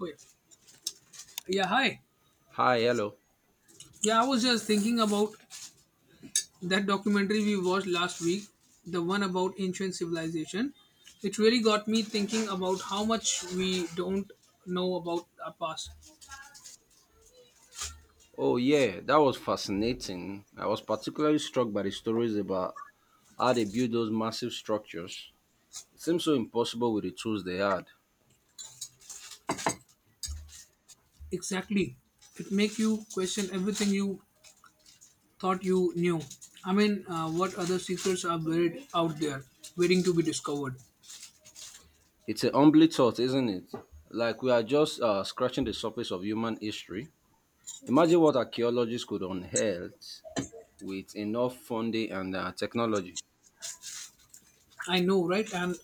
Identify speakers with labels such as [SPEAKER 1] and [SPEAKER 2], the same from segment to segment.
[SPEAKER 1] Oh, yeah. Yeah, hi.
[SPEAKER 2] Hi, hello.
[SPEAKER 1] Yeah, I was just thinking about that documentary we watched last week, the one about ancient civilization. It really got me thinking about how much we don't know about our past.
[SPEAKER 2] Oh, yeah, that was fascinating. I was particularly struck by the stories about how they built those massive structures. It seems so impossible with the tools they had.
[SPEAKER 1] Exactly. It makes you question everything you thought you knew. I mean, what other secrets are buried out there, waiting to be discovered.
[SPEAKER 2] It's a humbling thought, isn't it? Like we are just scratching the surface of human history. Imagine what archaeologists could unearth with enough funding and technology.
[SPEAKER 1] I know, right? And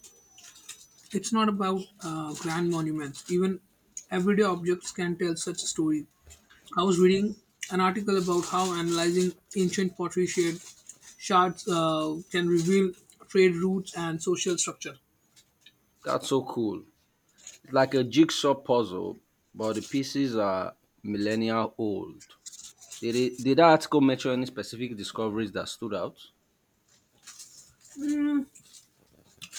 [SPEAKER 1] it's not about grand monuments. Even everyday objects can tell such a story. I was reading an article about how analyzing ancient shards can reveal trade routes and social structure.
[SPEAKER 2] That's so cool. It's like a jigsaw puzzle, but the pieces are millennia old. Did that article mention any specific discoveries that stood out?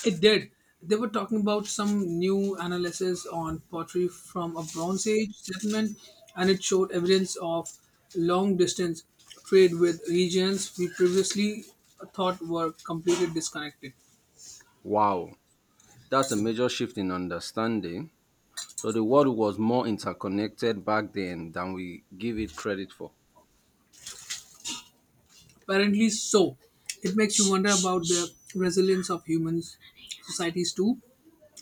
[SPEAKER 1] It did. They were talking about some new analysis on pottery from a Bronze Age settlement, and it showed evidence of long distance trade with regions we previously thought were completely disconnected.
[SPEAKER 2] Wow, that's a major shift in understanding. So the world was more interconnected back then than we give it credit for.
[SPEAKER 1] Apparently, so. It makes you wonder about the resilience of humans, societies too.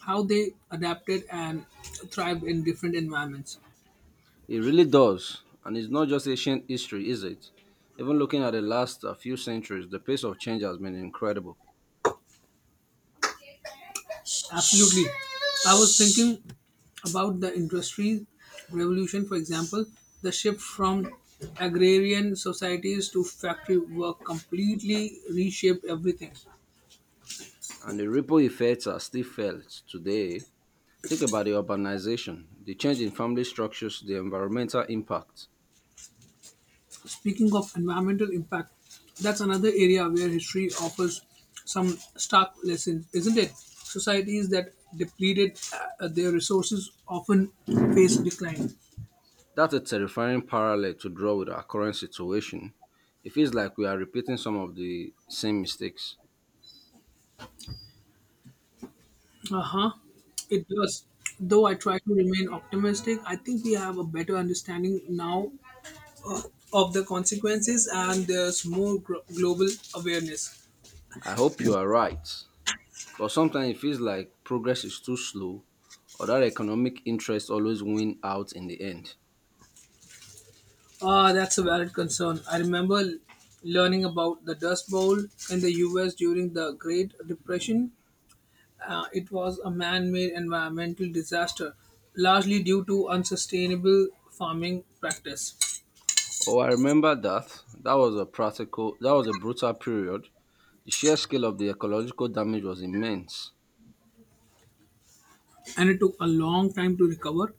[SPEAKER 1] How they adapted and thrived in different environments.
[SPEAKER 2] It really does. And it's not just ancient history, is it? Even looking at the last few centuries, the pace of change has been incredible.
[SPEAKER 1] Absolutely. I was thinking about the industry revolution, for example, the shift from agrarian societies to factory work completely reshaped everything.
[SPEAKER 2] And the ripple effects are still felt today. Think about the urbanization, the change in family structures, the environmental impact.
[SPEAKER 1] Speaking of environmental impact, that's another area where history offers some stark lessons, isn't it? Societies that depleted their resources often face decline.
[SPEAKER 2] That's a terrifying parallel to draw with our current situation. It feels like we are repeating some of the same mistakes.
[SPEAKER 1] Uh huh. It does. Though I try to remain optimistic, I think we have a better understanding now uh, of the consequences, and there's more global awareness.
[SPEAKER 2] I hope you are right, but sometimes it feels like progress is too slow or that economic interests always win out in the end.
[SPEAKER 1] Ah, that's a valid concern. I remember learning about the Dust Bowl in the US during the Great Depression. It was a man made environmental disaster, largely due to unsustainable farming practice,
[SPEAKER 2] Oh, I remember that. That was a brutal period. The sheer scale of the ecological damage was immense.
[SPEAKER 1] and it took a long time to recover.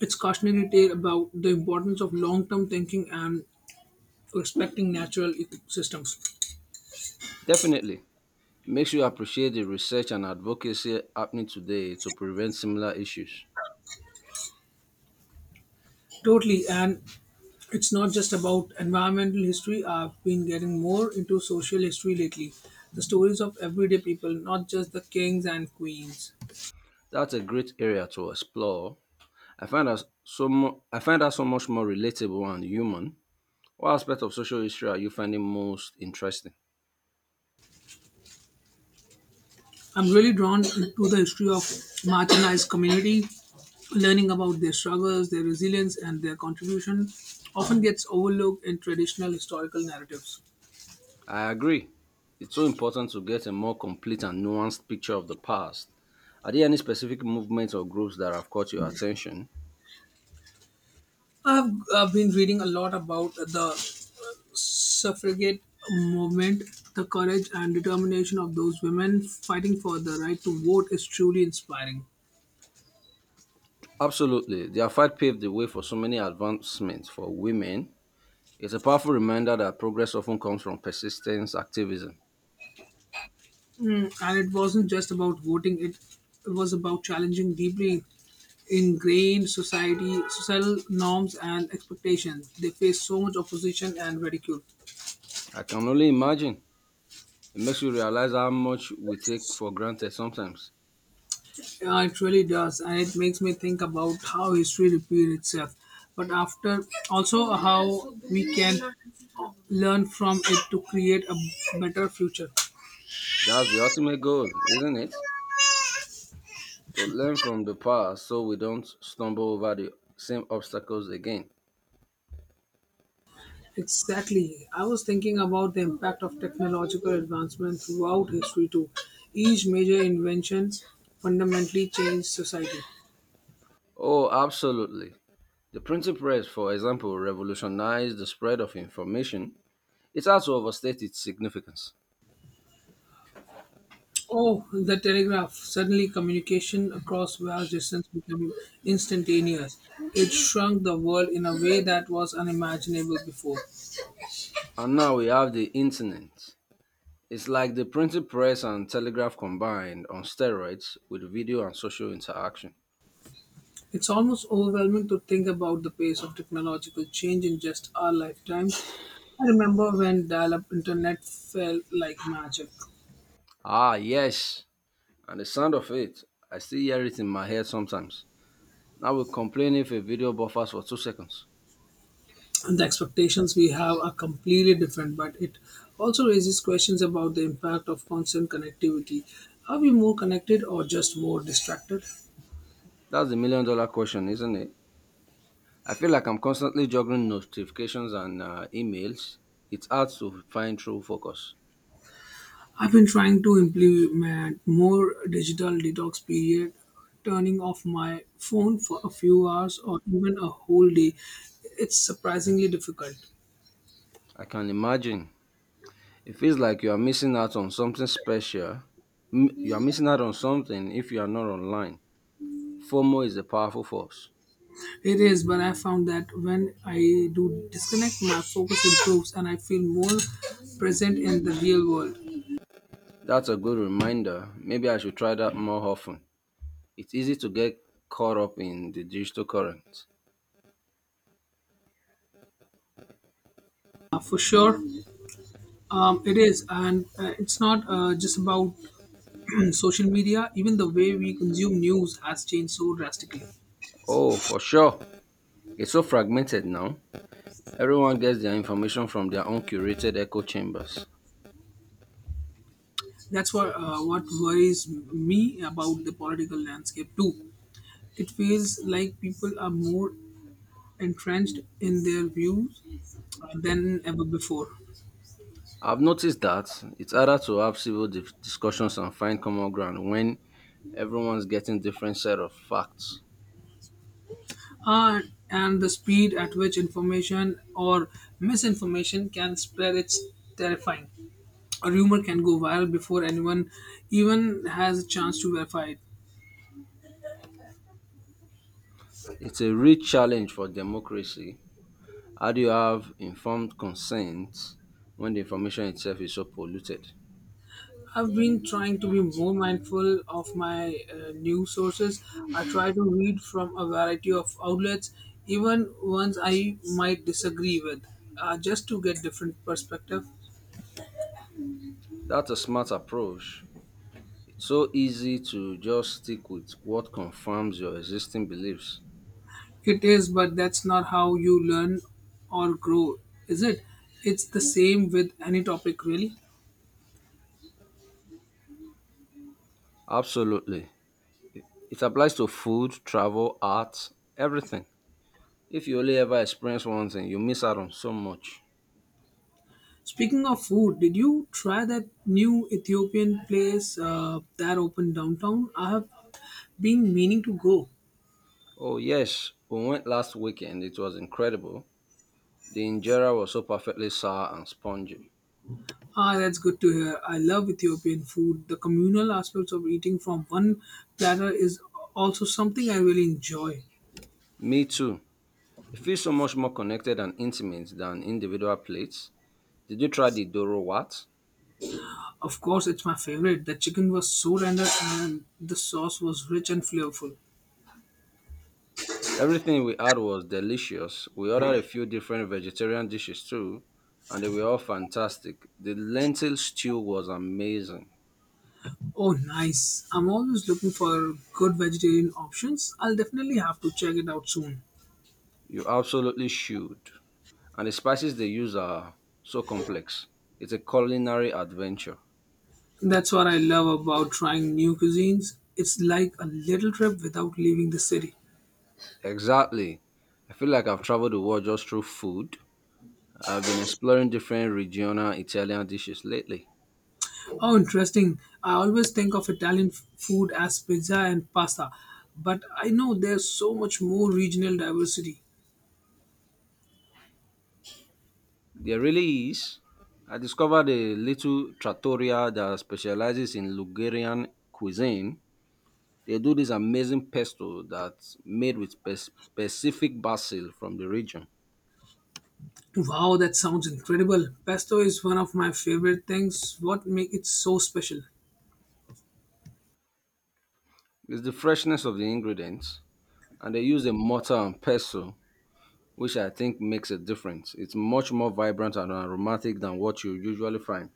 [SPEAKER 1] It's cautionary tale about the importance of long-term thinking and respecting natural ecosystems.
[SPEAKER 2] Definitely, it makes you appreciate the research and advocacy happening today to prevent similar issues.
[SPEAKER 1] Totally, and it's not just about environmental history. I've been getting more into social history lately. The stories of everyday people, not just the kings and queens.
[SPEAKER 2] That's a great area to explore. I find that so much more relatable and human. What aspect of social history are you finding most interesting?
[SPEAKER 1] I'm really drawn into the history of marginalized community. Learning about their struggles, their resilience, and their contribution often gets overlooked in traditional historical narratives.
[SPEAKER 2] I agree. It's so important to get a more complete and nuanced picture of the past. Are there any specific movements or groups that have caught your attention?
[SPEAKER 1] I've been reading a lot about the suffragette movement, the courage and determination of those women fighting for the right to vote is truly inspiring.
[SPEAKER 2] Absolutely. Their fight paved the way for so many advancements for women. It's a powerful reminder that progress often comes from persistence activism.
[SPEAKER 1] Mm, and it wasn't just about voting, it was about challenging deeply societal norms and expectations. They face so much opposition and ridicule.
[SPEAKER 2] I can only imagine. It makes you realize how much we take for granted sometimes.
[SPEAKER 1] Yeah, it really does, and it makes me think about how history repeats itself. But after also how we can learn from it to create a better future.
[SPEAKER 2] That's the ultimate goal, isn't it? To learn from the past so we don't stumble over the same obstacles again.
[SPEAKER 1] Exactly. I was thinking about the impact of technological advancement throughout history too. Each major invention fundamentally changed society.
[SPEAKER 2] Oh, absolutely. The printing press, for example, revolutionized the spread of information. It's hard to overstate its significance.
[SPEAKER 1] Oh, the telegraph. Suddenly communication across vast distance became instantaneous. It shrunk the world in a way that was unimaginable before.
[SPEAKER 2] And now we have the internet. It's like the printing press and telegraph combined on steroids with video and social interaction.
[SPEAKER 1] It's almost overwhelming to think about the pace of technological change in just our lifetimes. I remember when dial-up internet felt like magic.
[SPEAKER 2] Ah, yes. And the sound of it, I still hear it in my head sometimes. Now we complain if a video buffers for 2 seconds.
[SPEAKER 1] And the expectations we have are completely different, but it also raises questions about the impact of constant connectivity. Are we more connected or just more distracted?
[SPEAKER 2] That's the million dollar question, isn't it? I feel like I'm constantly juggling notifications and emails. It's hard to find true focus.
[SPEAKER 1] I've been trying to implement more digital detox period, turning off my phone for a few hours or even a whole day. It's surprisingly difficult.
[SPEAKER 2] I can imagine. It feels like you are missing out on something special. You are missing out on something if you are not online. FOMO is a powerful force.
[SPEAKER 1] It is, but I found that when I do disconnect, my focus improves and I feel more present in the real world.
[SPEAKER 2] That's a good reminder. Maybe I should try that more often. It's easy to get caught up in the digital current.
[SPEAKER 1] For sure. It is, and it's not just about social media. Even the way we consume news has changed so drastically.
[SPEAKER 2] Oh, for sure. It's so fragmented now. Everyone gets their information from their own curated echo chambers.
[SPEAKER 1] That's what worries me about the political landscape too. It feels like people are more entrenched in their views than ever before.
[SPEAKER 2] I've noticed that it's harder to have civil dif- discussions and find common ground when everyone's getting different set of facts.
[SPEAKER 1] Uh, and the speed at which information or misinformation can spread is terrifying. A rumor can go viral before anyone even has a chance to verify it.
[SPEAKER 2] It's a real challenge for democracy. How do you have informed consent when the information itself is so polluted?
[SPEAKER 1] I've been trying to be more mindful of my news sources. I try to read from a variety of outlets, even ones I might disagree with, just to get different perspective.
[SPEAKER 2] That's a smart approach. It's so easy to just stick with what confirms your existing beliefs.
[SPEAKER 1] It is, but that's not how you learn or grow, is it? It's the same with any topic, really.
[SPEAKER 2] Absolutely. It applies to food, travel, art, everything. If you only ever experience one thing, you miss out on so much.
[SPEAKER 1] Speaking of food, did you try that new Ethiopian place that opened downtown? I have been meaning to go.
[SPEAKER 2] Oh, yes, we went last weekend. It was incredible. The injera was so perfectly sour and spongy.
[SPEAKER 1] Ah, that's good to hear. I love Ethiopian food. The communal aspects of eating from one platter is also something I really enjoy.
[SPEAKER 2] Me too. It feels so much more connected and intimate than individual plates. Did you try the Doro Wat?
[SPEAKER 1] Of course, it's my favorite. The chicken was so tender and the sauce was rich and flavorful.
[SPEAKER 2] Everything we had was delicious. We ordered a few different vegetarian dishes too, and they were all fantastic. The lentil stew was amazing.
[SPEAKER 1] Oh, nice. I'm always looking for good vegetarian options. I'll definitely have to check it out soon.
[SPEAKER 2] You absolutely should. And the spices they use are so complex. It's a culinary adventure.
[SPEAKER 1] That's what I love about trying new cuisines. It's like a little trip without leaving the city.
[SPEAKER 2] Exactly. I feel like I've traveled the world just through food. I've been exploring different regional Italian dishes lately.
[SPEAKER 1] Oh, interesting. I always think of Italian food as pizza and pasta, but I know there's so much more regional diversity.
[SPEAKER 2] There really is. I discovered a little trattoria that specializes in Ligurian cuisine. They do this amazing pesto that's made with spe- specific basil from the region.
[SPEAKER 1] Wow, that sounds incredible. Pesto is one of my favorite things. What make it so special?
[SPEAKER 2] It's the freshness of the ingredients and they use a mortar and pestle, which I think makes a difference. It's much more vibrant and aromatic than what you usually find.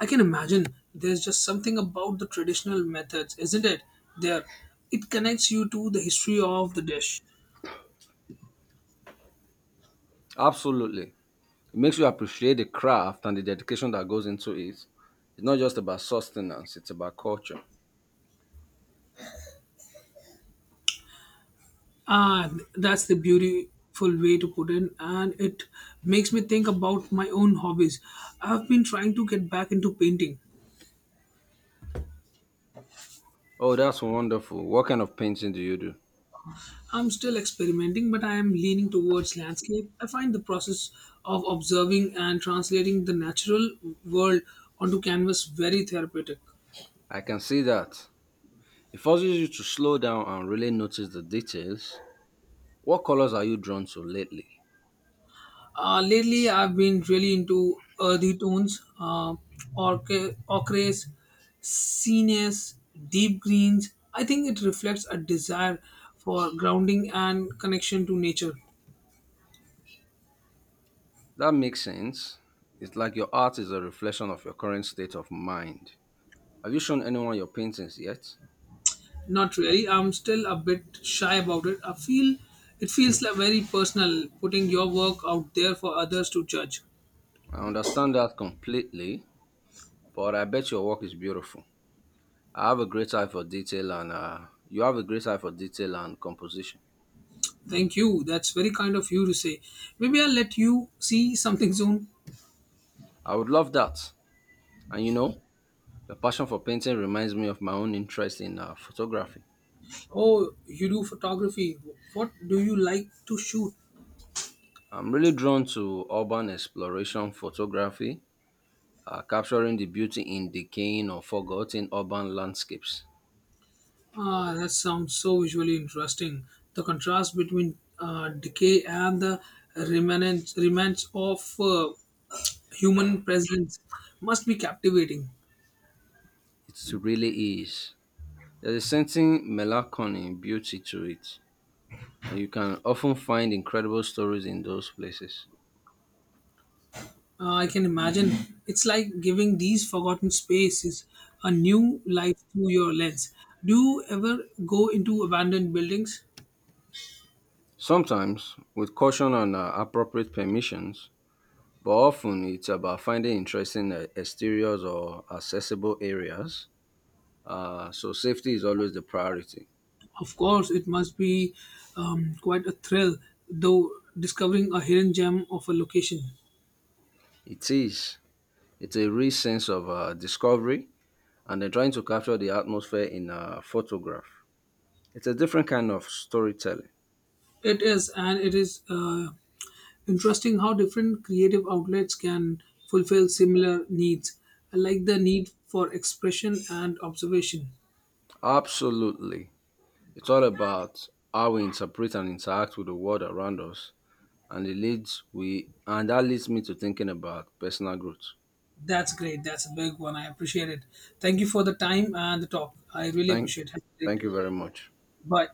[SPEAKER 1] I can imagine there's just something about the traditional methods, isn't it? There, it connects you to the history of the dish.
[SPEAKER 2] Absolutely. It makes you appreciate the craft and the dedication that goes into it. It's not just about sustenance, it's about culture.
[SPEAKER 1] Ah, that's the beautiful way to put it, and it makes me think about my own hobbies. I've been trying to get back into painting.
[SPEAKER 2] Oh, that's wonderful. What kind of painting do you do?
[SPEAKER 1] I'm still experimenting, but I am leaning towards landscape. I find the process of observing and translating the natural world onto canvas very therapeutic.
[SPEAKER 2] I can see that. It forces you to slow down and really notice the details. What colors are you drawn to lately?
[SPEAKER 1] Lately, I've been really into earthy tones, ochres, scenes, deep greens. I think it reflects a desire for grounding and connection to nature.
[SPEAKER 2] That makes sense. It's like your art is a reflection of your current state of mind. Have you shown anyone your paintings yet?
[SPEAKER 1] Not really. I'm still a bit shy about it. I feel It feels like very personal, putting your work out there for others to judge.
[SPEAKER 2] I understand that completely, but I bet your work is beautiful. I have a great eye for detail and You have a great eye for detail and composition.
[SPEAKER 1] Thank you. That's very kind of you to say. Maybe I'll let you see something soon.
[SPEAKER 2] I would love that. And you know, the passion for painting reminds me of my own interest in photography.
[SPEAKER 1] Oh, you do photography. What do you like to shoot?
[SPEAKER 2] I'm really drawn to urban exploration photography, capturing the beauty in decaying or forgotten urban landscapes.
[SPEAKER 1] Ah, that sounds so visually interesting. The contrast between decay and the remnants of human presence must be captivating.
[SPEAKER 2] It really is. There's a certain melancholy beauty to it, and you can often find incredible stories in those places.
[SPEAKER 1] I can imagine. It's like giving these forgotten spaces a new life through your lens. Do you ever go into abandoned buildings?
[SPEAKER 2] Sometimes with caution and appropriate permissions, but often it's about finding interesting exteriors or accessible areas. So safety is always the priority.
[SPEAKER 1] Of course, it must be quite a thrill, though, discovering a hidden gem of a location.
[SPEAKER 2] It is. It's a real sense of discovery and then trying to capture the atmosphere in a photograph. It's a different kind of storytelling.
[SPEAKER 1] It is, and it is interesting how different creative outlets can fulfill similar needs, like the need for expression and observation.
[SPEAKER 2] Absolutely. It's all about how we interpret and interact with the world around us and that leads me to thinking about personal growth.
[SPEAKER 1] That's great. That's a big one. I appreciate it. Thank you for the time and the talk. I really
[SPEAKER 2] Thank
[SPEAKER 1] appreciate it. Have a great
[SPEAKER 2] Thank you very
[SPEAKER 1] day.
[SPEAKER 2] much.
[SPEAKER 1] Bye.